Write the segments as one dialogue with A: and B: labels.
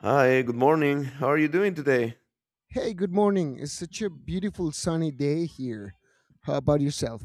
A: Hi, good morning. How are you doing today?
B: Hey, good morning. It's such a beautiful sunny day here. How about yourself?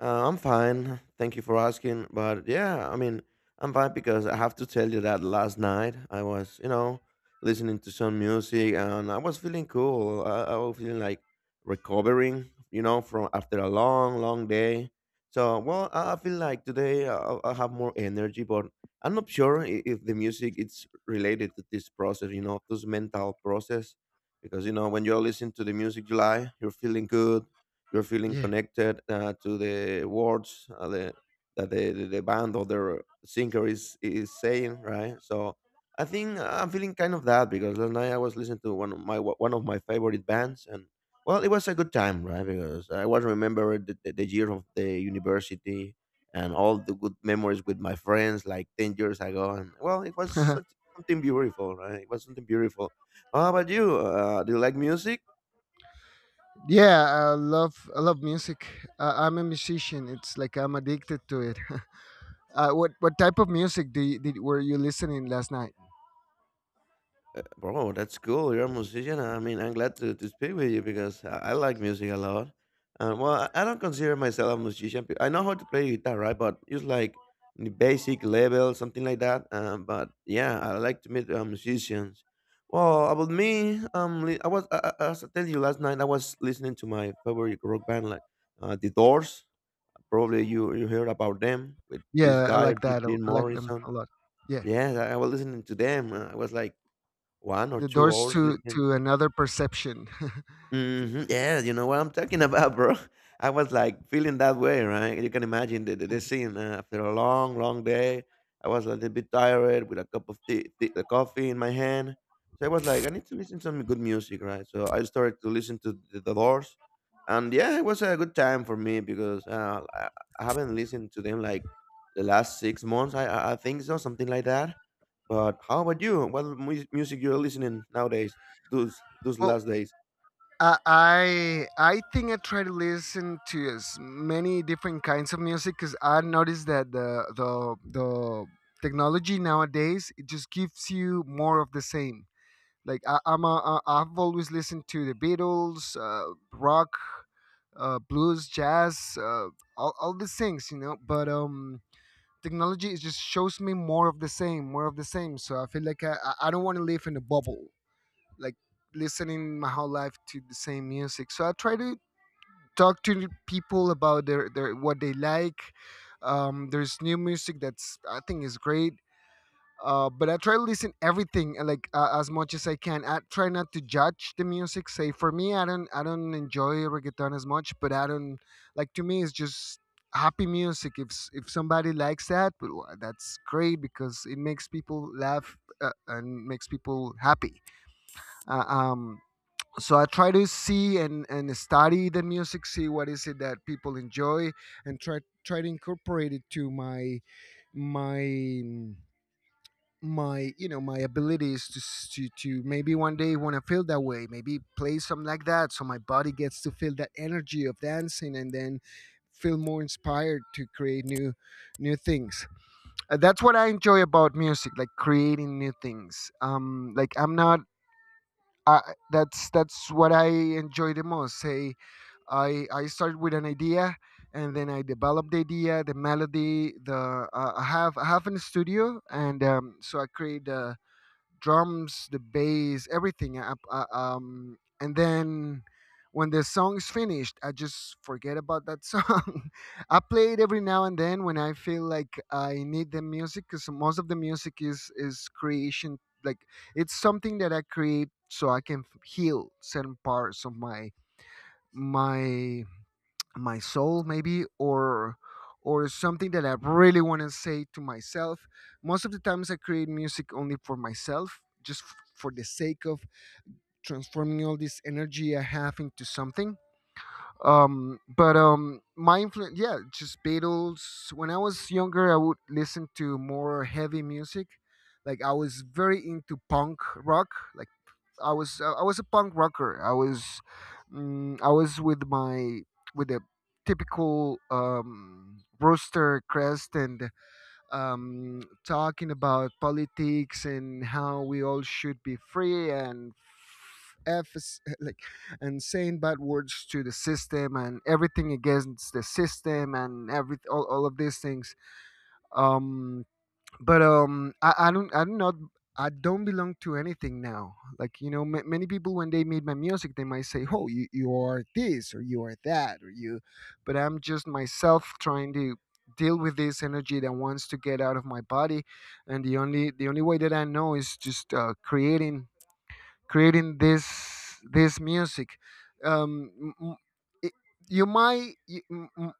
A: I'm fine. Thank you for asking. But yeah, I'm fine because I have to tell you that last night I was, you know, listening to some music and I was feeling cool. I was feeling like recovering, you know, from after a long, long day. So, well, I feel like today I have more energy, but I'm not sure if the music is related to this process, you know, this mental process. Because, you know, when you're listening to the music you like, you're feeling good, you're feeling
B: Yeah.
A: connected to the words that the band or the singer is saying, right? So I think I'm feeling kind of that because last night I was listening to one of my favorite bands, and well, it was a good time, right? Because I was remember the year of the university and all the good memories with my friends like 10 years ago. And well, it was such, Something beautiful, right? It was something beautiful. How about you? Do you like music?
B: Yeah, I love music. I'm a musician. It's like I'm addicted to it. What type of music do you, did were you listening last night?
A: Bro, that's cool. You're a musician. I mean, I'm glad to speak with you because I like music a lot. I don't consider myself a musician. I know how to play guitar, right? But it's like the basic level, something like that. But yeah, I like to meet musicians. Well, about me, li- I was I- as I tell you last night, I was listening to my favorite rock band, like The Doors. Probably you heard about them with this
B: Yeah, I
A: guy
B: like that.
A: Jim
B: I like them
A: Morrison.
B: a lot. Yeah.
A: Yeah, I was listening to them. I was like one or
B: The
A: two
B: doors
A: hours
B: to
A: listening.
B: to another perception.
A: Mhm. Yeah, you know what I'm talking about, bro. I was like feeling that way, right? You can imagine the scene after a long, long day. I was a little bit tired with a cup of coffee in my hand. So I was like, I need to listen to some good music, right? So I started to listen to the Doors. And yeah, it was a good time for me because I haven't listened to them like the last 6 months, I think so, something like that. But how about you? What music you're listening nowadays, those
B: Well,
A: last days?
B: I think I try to listen to as many different kinds of music because I noticed that the technology nowadays it just gives you more of the same. Like I, I'm a, I, I've always listened to the Beatles, rock, blues, jazz, all these things, you know. But technology it just shows me more of the same, more of the same. So I feel like I don't want to live in a bubble like listening my whole life to the same music. So I try to talk to people about their what they like. There's new music that's I think is great. But I try to listen everything like as much as I can. I try not to judge the music. Say for me, I don't enjoy reggaeton as much, but I don't like, to me it's just happy music. If somebody likes that, well, that's great because it makes people laugh and makes people happy. Uh, um, so I try to see and study the music, see what is it that people enjoy and try to incorporate it to my my you know my abilities to maybe one day want to feel that way, maybe play something like that so my body gets to feel that energy of dancing and then feel more inspired to create new things. That's what I enjoy about music, like creating new things like I'm not uh, that's what I enjoy the most. Say, I start with an idea, and then I develop the idea, the melody. The I have in the studio, and so I create the drums, the bass, everything. And then when the song's finished, I just forget about that song. I play it every now and then when I feel like I need the music, because most of the music is creation. Like it's something that I create so I can heal certain parts of my my soul, maybe, or something that I really want to say to myself. Most of the times I create music only for myself, just for the sake of transforming all this energy I have into something. But My influence, yeah, just Beatles. When I was younger I would listen to more heavy music, like I was very into punk rock. Like I was a punk rocker. I was I was with a typical rooster crest and talking about politics and how we all should be free and like and saying bad words to the system, and everything against the system, and all of these things. Um, but I don't know, I don't belong to anything now. Like, you know, ma many people when they meet my music they might say, "Oh, you are this, or you are that, or you," but I'm just myself trying to deal with this energy that wants to get out of my body. And the only way that I know is just creating, creating this music. um m- m- it- you might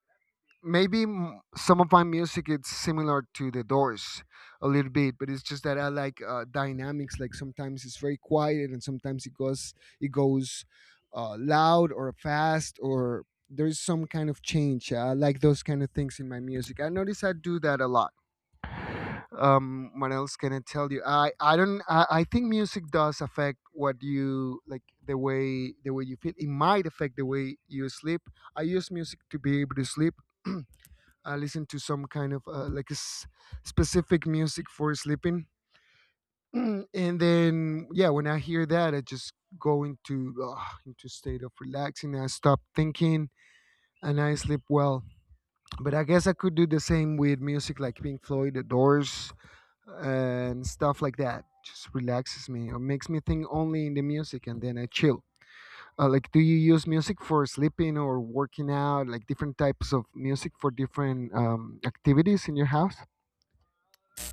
B: maybe some of my music it's similar to the Doors a little bit, but it's just that I like dynamics, like sometimes it's very quiet and sometimes it goes loud or fast or there's some kind of change. I like those kind of things in my music. I notice I do that a lot. What else can I tell you? I don't I think music does affect what you like, the way, the way you feel. It might affect the way you sleep. I use music to be able to sleep. I listen to some kind of like a specific music for sleeping, and then yeah, when I hear that, I just go into state of relaxing. I stop thinking and I sleep well. But I guess I could do the same with music like Pink Floyd, The Doors, and stuff like that. Just relaxes me or makes me think only in the music, and then I chill. Like, do you use music for sleeping or working out? Like different types of music for different activities in your house?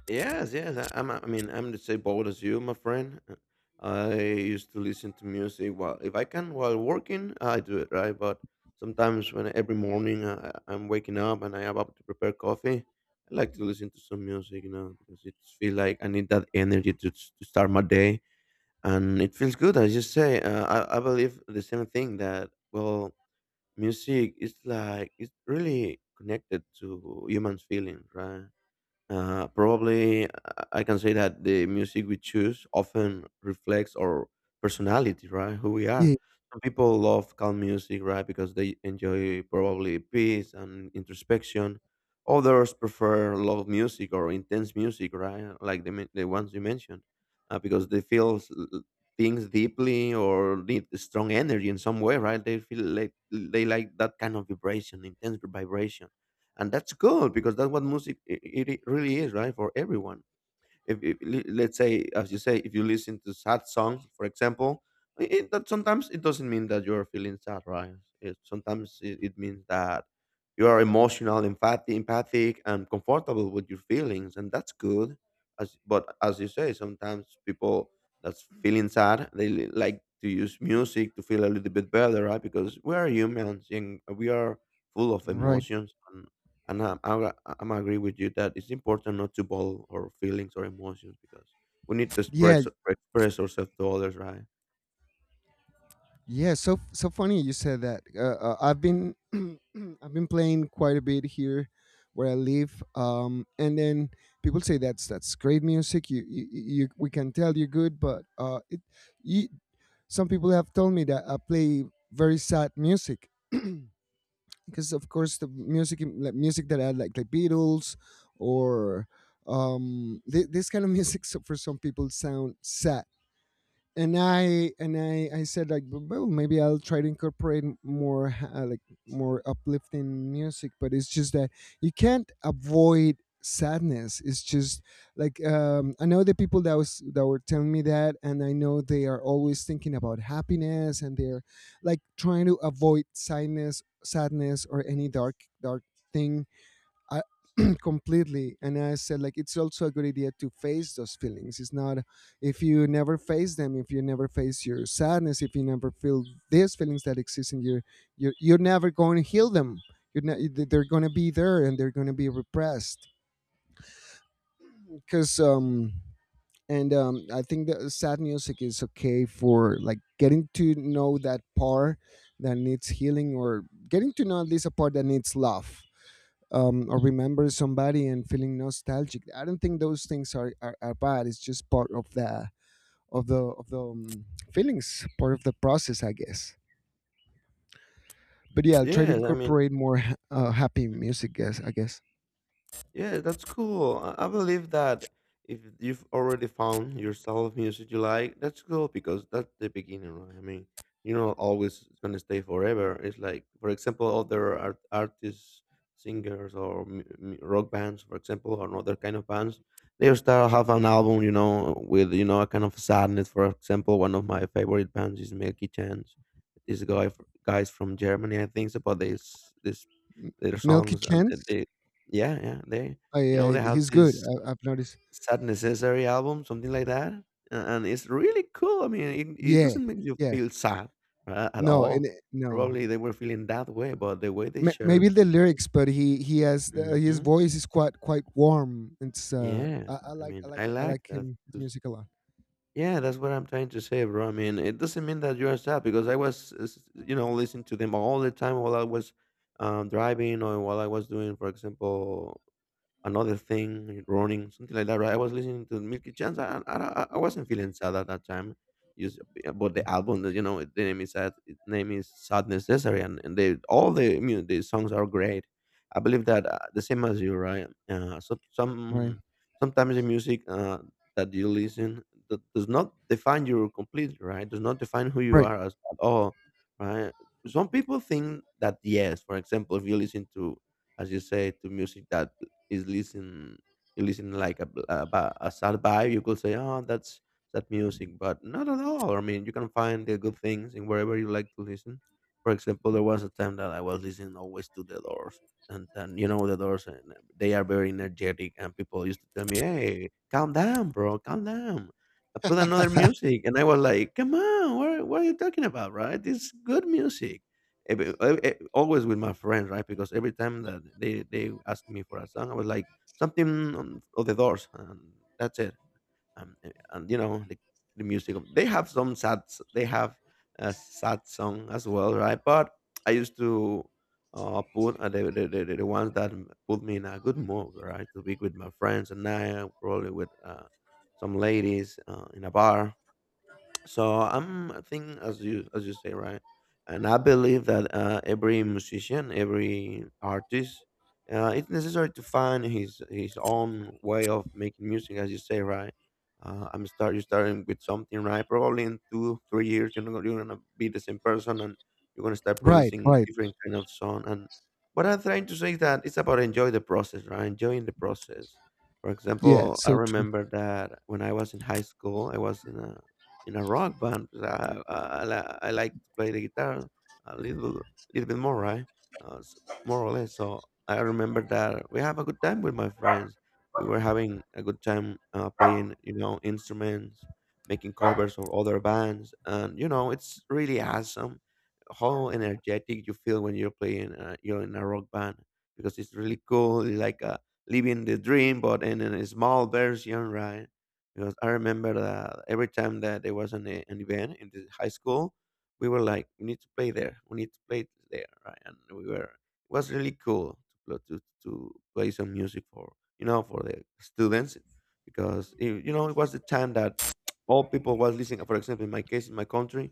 A: Yes, yes. I, I'm. I mean, I'm the same boat as you, my friend. I used to listen to music while, if I can, while working, I do it right. But sometimes, when every morning I'm waking up and I am about to prepare coffee, I like to listen to some music, you know, because it feel like I need that energy to, to start my day, and it feels good. I just say, I believe the same thing that well, music is like it's really connected to human feelings, right? Probably I can say that the music we choose often reflects our personality, right? Who we are. Some people love calm music, right? Because they enjoy probably peace and introspection. Others prefer loud music or intense music, right? Like the ones you mentioned, because they feel things deeply or need strong energy in some way, right? They feel like they like that kind of vibration, intense vibration, and that's good because that's what music it really is, right? For everyone, if, let's say, as you say, if you listen to sad songs, for example, it, that sometimes it doesn't mean that you're feeling sad, right? Sometimes it means that you are emotional empathic, empathic and comfortable with your feelings, and that's good. As you say, sometimes people that's feeling sad, they like to use music to feel a little bit better, right? Because we are humans and we are full of
B: Right.
A: emotions. And I'm agree with you that it's important not to bottle our feelings or emotions because we need to
B: Yeah.
A: express ourselves to others, right?
B: Yeah. So funny you said that. I've been I've been playing quite a bit here where I live. And then people say that's great music. You, we can tell you're good, but you, some people have told me that I play very sad music. Because of course the music like music that I like Beatles or this kind of music, so for some people sound sad. And I said like, Well, maybe I'll try to incorporate more like more uplifting music," but it's just that you can't avoid sadness. It's just like. I know the people that was that were telling me that, and I know they are always thinking about happiness and they're like trying to avoid sadness, sadness, or any dark thing completely. And I said like, it's also a good idea to face those feelings. It's not, if you never face them, if you never face your sadness, if you never feel these feelings that exist in your, you're never going to heal them. You're not, they're going to be there and they're going to be repressed. Because and I think that sad music is okay for like getting to know that part that needs healing, or getting to know at least a part that needs love, or remember somebody and feeling nostalgic. I don't think those things are bad. It's just part of the of the of the um, feelings, part of the process, I guess. But yeah, I'll try to
A: Yeah,
B: incorporate more happy music. Guess, I guess.
A: yeah, that's cool. I believe that if you've already found yourself music you like, that's cool because that's the beginning, right? I mean, you're not always gonna stay forever. It's like, for example, other artists, singers, or rock bands, for example, or other kind of bands. They start have an album, you know, with you know a kind of sadness. For example, one of my favorite bands is Milky Chance. This guy, f- guys from Germany, I think, about this
B: M-
A: their
B: Milky
A: songs and
B: Chance.
A: they, yeah, yeah, they,
B: Oh,
A: you
B: yeah,
A: know,
B: yeah,
A: they have
B: he's good.
A: this
B: I, I've noticed.
A: Sad Necessary album, something like that, a and it's really cool, I mean, it
B: Yeah,
A: doesn't make you
B: yeah.
A: feel sad a at
B: No, and
A: all.
B: it- no.
A: Probably they were feeling that way, but the way they
B: Maybe
A: shared
B: the
A: the,
B: lyrics, but he has the, his
A: mhm.
B: voice is quite quite warm. It's
A: Yeah,
B: I
A: I
B: like, I
A: mean,
B: like
A: I
B: the, I
A: like
B: like
A: that
B: him, his
A: 'cause
B: music a lot.
A: yeah, that's what I'm trying to say, bro. I mean, it doesn't mean that you are sad because I was, s you know, listening to them all the time while I was, driving or while I was doing, for example, another thing, running, something like that, right? I was listening to Milky Chance. And I wasn't feeling sad at that time. Just about the album, that you know, the name is sad. Its name is Sad Necessary, and they all the songs are great. I believe that the same as you, right?
B: Right.
A: Sometimes the music that you listen that does not define you completely, right? Does not define who you
B: Right.
A: are as at all, right? Some people think that, yes, for example, if you listen to, as you say, to music that is listen you listen like a, b- a, ba- a sad vibe, you could say, oh, that's sad music. But not at all, I mean, you can find the good things in wherever you like to listen. For example, there was a time that I was listening always to the Doors, and then, you know, the Doors, and they are very energetic, and people used to tell me, hey, calm down, bro, calm down. I put another music, and I was like, come on, what are you talking about, right? It's good music. Always with my friends, right? Because every time that they asked me for a song, I was like something on, of the Doors, and that's it. And you know the music. They have some sad. They have a sad song as well, right? But I used to put the ones that put me in a good mood, right? To be with my friends, and I probably with some ladies in a bar. So I'm, I think as you, as you say, right, and I believe that every musician, every artist, it's necessary to find his own way of making music, as you say, right. I'm start You starting with something, right. Probably in 2 or 3 years you're not, you're gonna be the same person, and you're gonna start
B: Right.
A: producing
B: Right.
A: different kind of song. And what I'm trying to say is that it's about enjoy the process, right? Enjoying the process. For
B: Yeah.
A: example, I
B: So true.
A: remember that when I was in high school, I was in a rock band. Because I like to play the guitar a little, little bit more, right? Uh, s- More or less. So I remember that we have a good time with my friends. We were having a good time playing, you know, instruments, making covers of other bands, and you know, it's really awesome how energetic you feel when you're playing. You're in a rock band because it's really cool. It's like a living the dream, but in a small version, right? Because I remember that every time that there was an event in the high school, we were like, we need to play there. We need to play there, right? And we were. It was really cool to to play some music for, you know, for the students, because it, you know, it was the time that all people was listening. For example, in my case, in my country,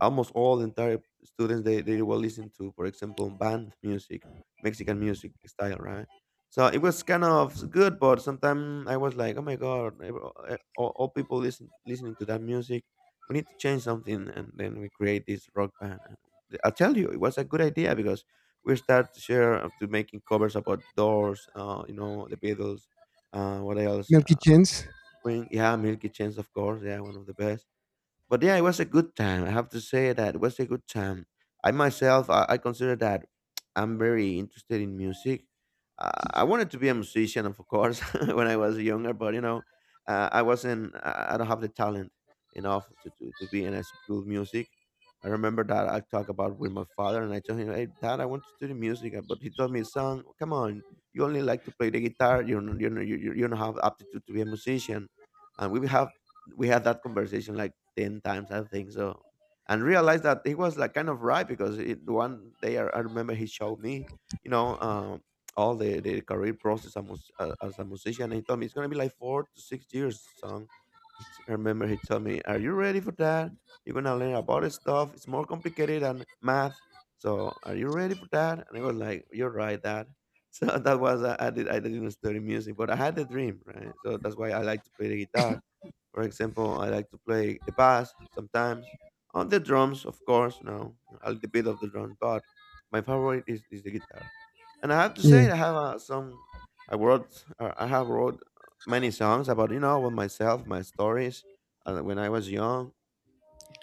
A: almost all the entire students they were listening to, for example, band music, Mexican music style, right? So it was kind of good, but sometimes I was like, oh my god, all people listening to that music. We need to change something, and then we create this rock band, and I tell you, it was a good idea because we start to share, to making covers about the Doors, the Beatles, what else,
B: You kitchens.
A: Queen, yeah, Milky Chance, of course, yeah, one of the best. But yeah, it was a good time. I have to say that it was a good time. I myself, I consider that I'm very interested in music. I wanted to be a musician, of course, when I was younger. But I wasn't. I don't have the talent enough to be in a school music. I remember that I talked about with my father, and I told him, "Hey, Dad, I want to study music," but he told me, "Son, come on, you only like to play the guitar. You don't- you know you you you don't have aptitude to be a musician." And we had that conversation like 10 times, I think so, and realized that he was like kind of right, because one day, I remember he showed me, you know um, all the career process as, a as a musician, and he told me, it's going to be like 4 to 6 years, son. I remember he told me, are you ready for that? You're going to learn about this stuff, it's more complicated than math. So are you ready for that? And I was like, you're right, Dad. so that was I, did, I didn't study music, but I had the dream, right? So that's why I like to play the guitar. For example, I like to play the bass sometimes, on the drums, of course, no, a little bit of the drums, but my favorite is the guitar. And I have to
B: Yeah.
A: say, I have wrote many songs about myself, my stories, when I was young,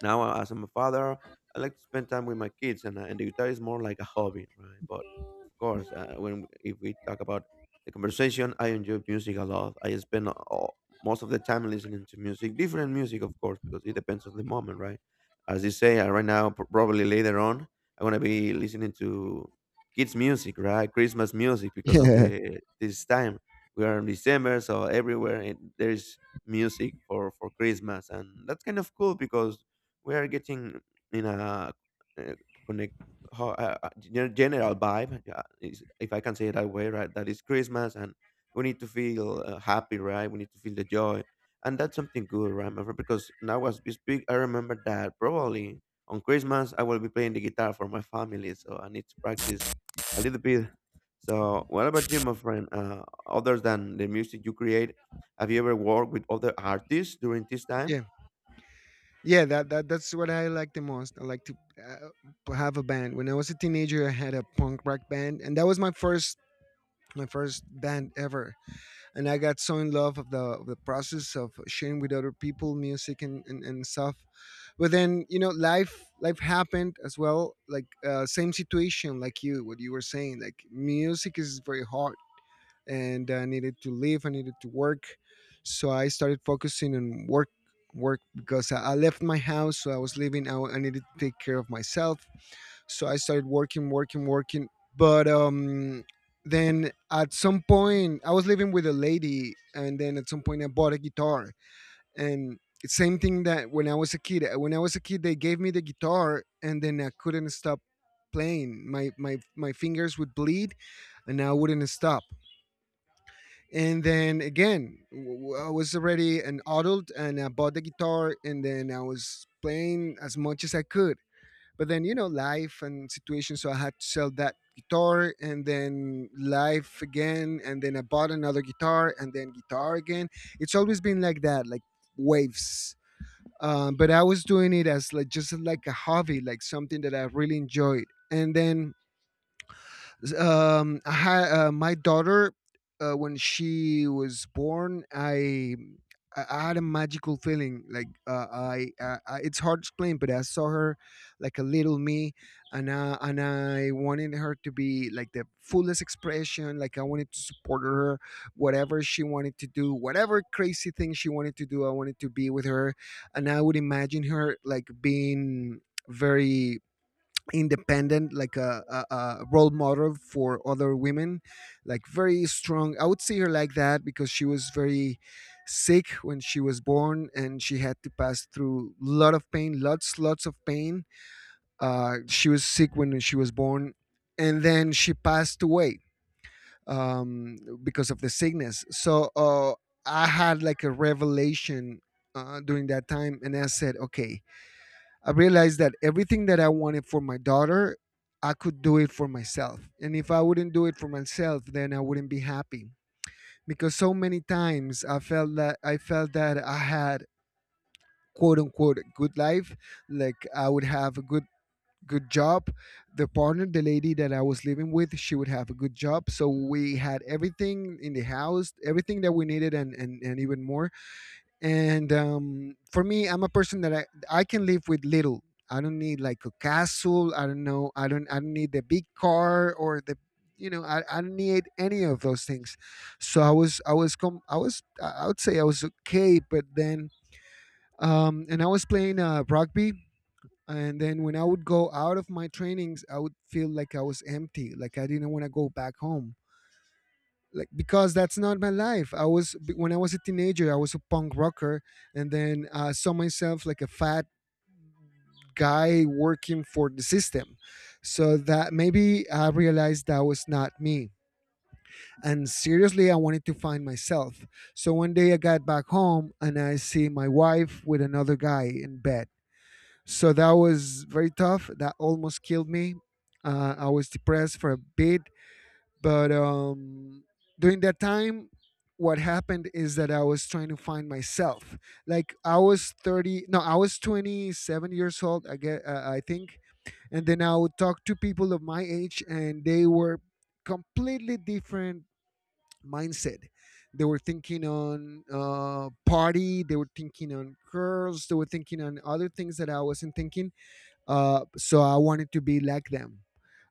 A: now, as I'm a father, I like to spend time with my kids, and the guitar is more like a hobby, right? But of course, when if we talk about the conversation, I enjoy music a lot. I spend most of the time listening to music, different music, of course, because it depends on the moment, right? As you say, right now, probably later on, I'm gonna be listening to kids music, right? Christmas music because of
B: Yeah.
A: the this time we are in December, so everywhere there is music for Christmas, and that's kind of cool because we are getting in a uh, connect general vibe, if I can say it that way, right? That is Christmas, and we need to feel happy, right? We need to feel the joy. And that's something good, right, my friend? Because now as we speak, I remember that probably on Christmas I will be playing the guitar for my family, so I need to practice a little bit. So what about you, my friend? Other than the music you create, have you ever worked with other artists during this time?
B: Yeah. Yeah, that's what I like the most. I like to have a band. When I was a teenager, I had a punk rock band, and that was my first, my first band ever. And I got so in love of the, of the process of sharing with other people music, and stuff. But then you know, life happened as well. Like same situation like you, what you were saying. Like music is very hard, and I needed to live. I needed to work, so I started focusing on work because I left my house. So I was living. I needed to take care of myself. So I started working, working, working. But then at some point, I was living with a lady, and then at some point, I bought a guitar. And it's same thing that when I was a kid. When I was a kid, they gave me the guitar, and then I couldn't stop playing. My fingers would bleed, and I wouldn't stop. And then again, I was already an adult, and I bought the guitar, and then I was playing as much as I could. But then you know, life and situation, so I had to sell that guitar, and then life again, and then I bought another guitar, and then guitar again. It's always been like that, like waves. But I was doing it as like just like a hobby, like something that I really enjoyed. And then I had my daughter when she was born. I had a magical feeling. Like I, it's hard to explain, but I saw her like a little me, and I wanted her to be like the fullest expression. Like I wanted to support her, whatever she wanted to do, whatever crazy thing she wanted to do. I wanted to be with her, and I would imagine her like being very independent, like a role model for other women, like very strong. I would see her like that because she was very sick when she was born, and she had to pass through a lot of pain, lots of pain. She was sick when she was born, and then she passed away um, because of the sickness. So I had like a revelation during that time, and I said, okay. I realized that everything that I wanted for my daughter, I could do it for myself. And if I wouldn't do it for myself, then I wouldn't be happy. Because so many times I felt that I had, quote unquote, a good life. Like I would have a good job. The partner, the lady that I was living with, she would have a good job. So we had everything in the house, everything that we needed, and even more. And for me, I'm a person that I can live with little. I don't need like a castle. I don't know. I don't need the big car or the I don't need any of those things. So I was com- I was I would say I was okay, but then and I was playing rugby. And then when I would go out of my trainings, I would feel like I was empty. Like, I didn't want to go back home. Like, because that's not my life. When I was a teenager, I was a punk rocker. And then I saw myself like a fat guy working for the system. So that, maybe I realized that was not me. And seriously, I wanted to find myself. So one day I got back home and I see my wife with another guy in bed. So that was very tough. That almost killed me. I was depressed for a bit. But during that time, what happened is that I was trying to find myself. Like, I was 30, no, I was 27 years old, I get, I think. And then I would talk to people of my age, and they were completely different mindset. They were thinking on party. They were thinking on girls. They were thinking on other things that I wasn't thinking. So I wanted to be like them.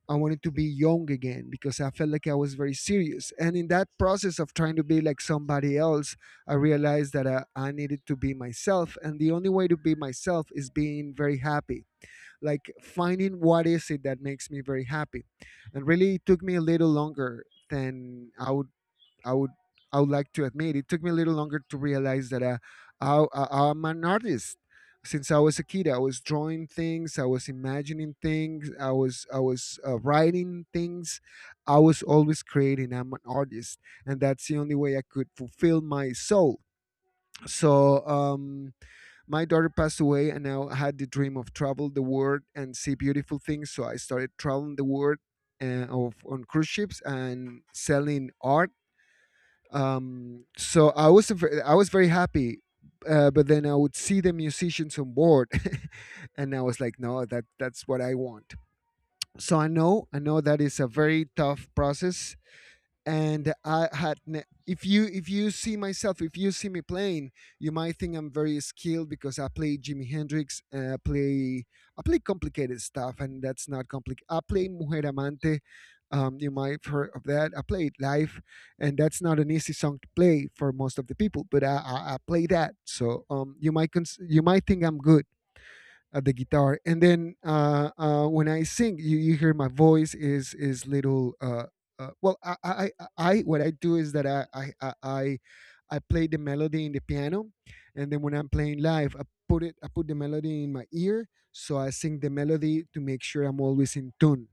B: I wanted to be young again, because I felt like I was very serious. And in that process of trying to be like somebody else, I realized that I needed to be myself. And the only way to be myself is being very happy, like finding what is it that makes me very happy. And really, it took me a little longer than I would I would like to admit. It took me a little longer to realize that I'm an artist. Since I was a kid, I was drawing things, I was imagining things, I was writing things. I was always creating. I'm an artist, and that's the only way I could fulfill my soul. So my daughter passed away, and now I had the dream of travel the world and see beautiful things. So I started traveling the world of on cruise ships and selling art. So I was very happy. But then I would see the musicians on board, and I was like, no, that's what I want. So I know that is a very tough process, and if you see me playing, you might think I'm very skilled because I play Jimi Hendrix, and I play complicated stuff. And that's not complicated. I play Mujer Amante. You might have heard of that. I play it live, and that's not an easy song to play for most of the people. But I play that. So you might you might think I'm good at the guitar. And then when I sing, you hear my voice is little. Well, what I do is that I play the melody in the piano. And then when I'm playing live, I put the melody in my ear, so I sing the melody to make sure I'm always in tune.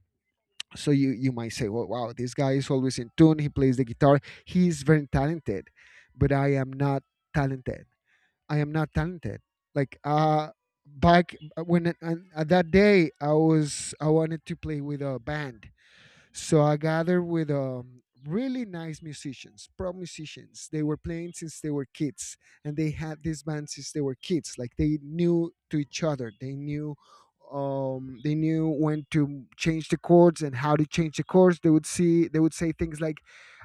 B: So you might say, well, wow, this guy is always in tune, he plays the guitar, he's very talented. But I am not talented. I am not talented. Like, back when, at that day, I wanted to play with a band. So I gathered with really nice musicians, pro musicians. They were playing since they were kids, and they had this band since they were kids. Like, they knew to each other. They knew when to change the chords and how to change the chords. They would say things like,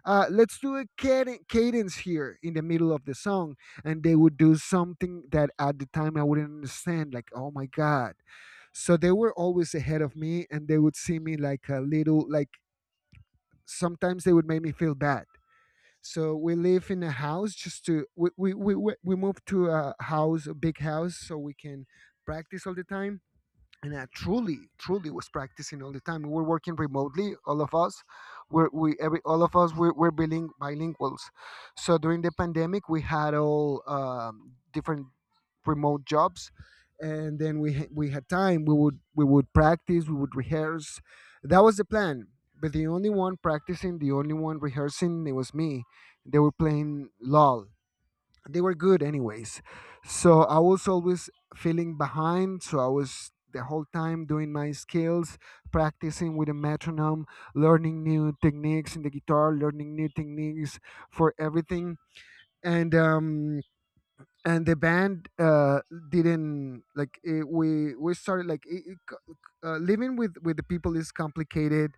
B: "Let's do a cadence here in the middle of the song." And they would do something that at the time I wouldn't understand. Like, "Oh my god." So they were always ahead of me, and they would see me like a little. Like, sometimes they would make me feel bad. So we live in a house just to we moved to a house, a big house, so we can practice all the time. And I truly, truly was practicing all the time. We were working remotely, all of us. Bilinguals. So during the pandemic, we had all different remote jobs, and then we had time. We would practice. We would rehearse. That was the plan. But the only one practicing, the only one rehearsing, it was me. They were playing LOL. They were good anyways. So I was always feeling behind. So I was the whole time doing my skills, practicing with a metronome, learning new techniques in the guitar, learning new techniques for everything. And um and the band didn't like it. We started like living with the people is complicated.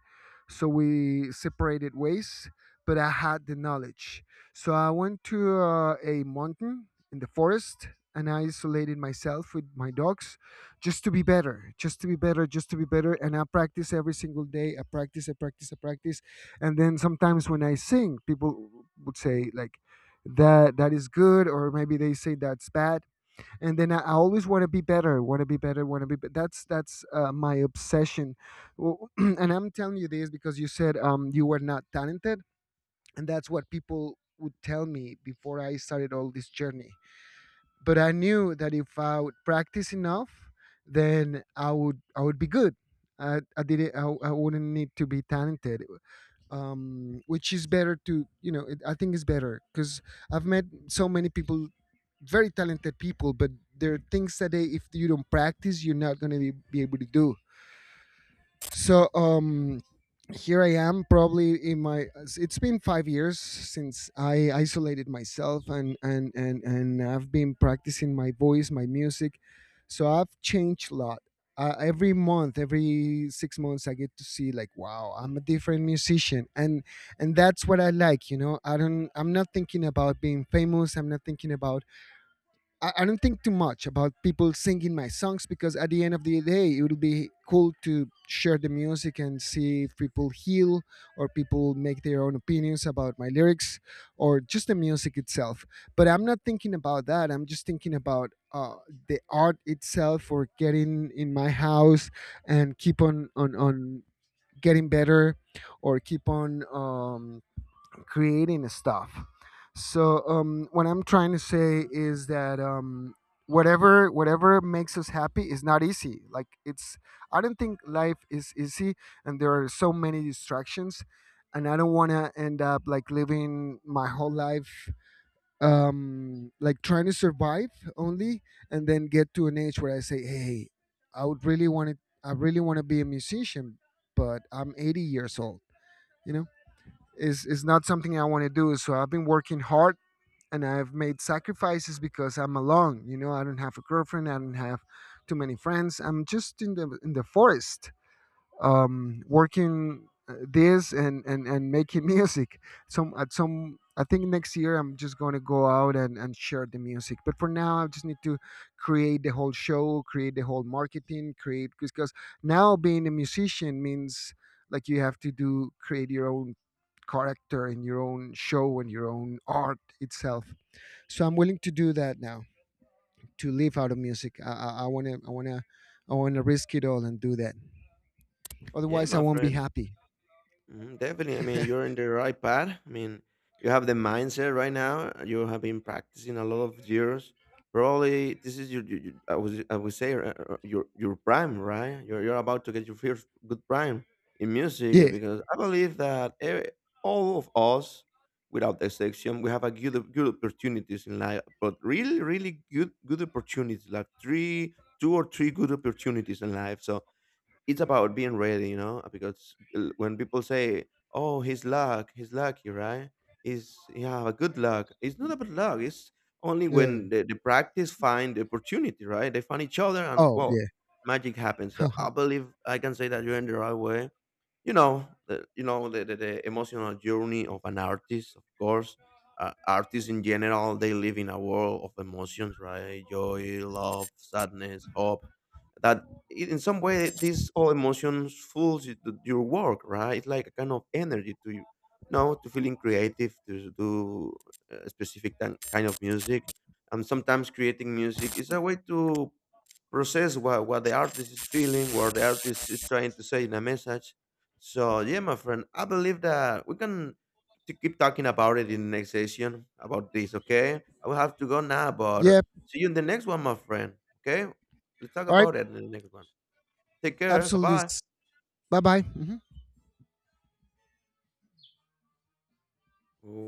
B: So we separated ways, but I had the knowledge. So I went to a mountain in the forest, and I isolated myself with my dogs, just to be better, just to be better, just to be better. And I practice every single day. I practice, I practice, I practice. And then sometimes when I sing, people would say like that is good, or maybe they say that's bad. And then I always want to be better, want to be better, want to be- that's my obsession. Well, and I'm telling you this because you said you were not talented, and that's what people would tell me before I started all this journey. But I knew that if I would practice enough, then I would be good. I, I didn't I, I wouldn't need to be talented. Which is better, to it, I think, is better because I've met so many people, very talented people, but there are things that they, if you don't practice, you're not going to be able to do. So here I am, probably in my. It's been 5 years since I isolated myself, and I've been practicing my voice, my music. So I've changed a lot. Every month, every 6 months, I get to see, like, wow, I'm a different musician. And that's what I like. You know, I don't. I'm not thinking about being famous. I'm not thinking about I don't think too much about people singing my songs, because at the end of the day, it would be cool to share the music and see if people heal, or people make their own opinions about my lyrics, or just the music itself. But I'm not thinking about that. I'm just thinking about the art itself, or getting in my house and keep on getting better, or keep on creating stuff. So what I'm trying to say is that whatever makes us happy is not easy. Like, it's I don't think life is easy, and there are so many distractions, and I don't want to end up like living my whole life like trying to survive only. And then get to an age where I say, hey, i would really want to I really want to be a musician, but I'm 80 years old, you know. Is not something I want to do. So I've been working hard, and I've made sacrifices because I'm alone. You know, I don't have a girlfriend. I don't have too many friends. I'm just in the forest, working this, and making music. Some At some, I think next year I'm just gonna go out and, share the music. But for now I just need to create the whole show, create the whole marketing, create, because now being a musician means, like, you have to do create your own character and your own show and your own art itself. So I'm willing to do that now, to live out of music. I want to I want to I want to risk it all and do that.
A: Yeah,
B: Otherwise I
A: my
B: won't be
A: friend.
B: happy.
A: Mhm. Definitely. I mean, you're in the right path. I mean, you have the mindset right now. You have been practicing a lot of years. Probably this is your I would say your prime, right? You're about to get your first good prime in music,
B: Yeah.
A: because I believe that all of us, without exception, we have a good opportunities in life, but really, really good opportunities, like three, two or three good opportunities in life. So it's about being ready, because when people say, "Oh, he's he's lucky, right? He's, yeah, good luck." It's not about luck. It's only
B: Yeah.
A: when the practice find the opportunity, right? They find each other, and,
B: Oh,
A: well,
B: yeah.
A: magic happens. So I believe I can say that you're in the right way. You know the emotional journey of an artist, of course. Artists in general, they live in a world of emotions, right? Joy, love, sadness, hope. That, in some way, these all emotions fools you to your work, right? It's like a kind of energy to you, you know to feeling creative, to do a specific kind of music. And sometimes creating music is a way to process what the artist is feeling, what the artist is trying to say in a message. So yeah, my friend, I believe that we can to keep talking about it in the next session about this. Okay, I will have to go now, but
B: Yep.
A: see you in the next one, my friend. Okay, let's talk
B: All right.
A: about it in the next one. Take care.
B: Absolutely.
A: Bye
B: Bye bye. Hmm.
A: bye.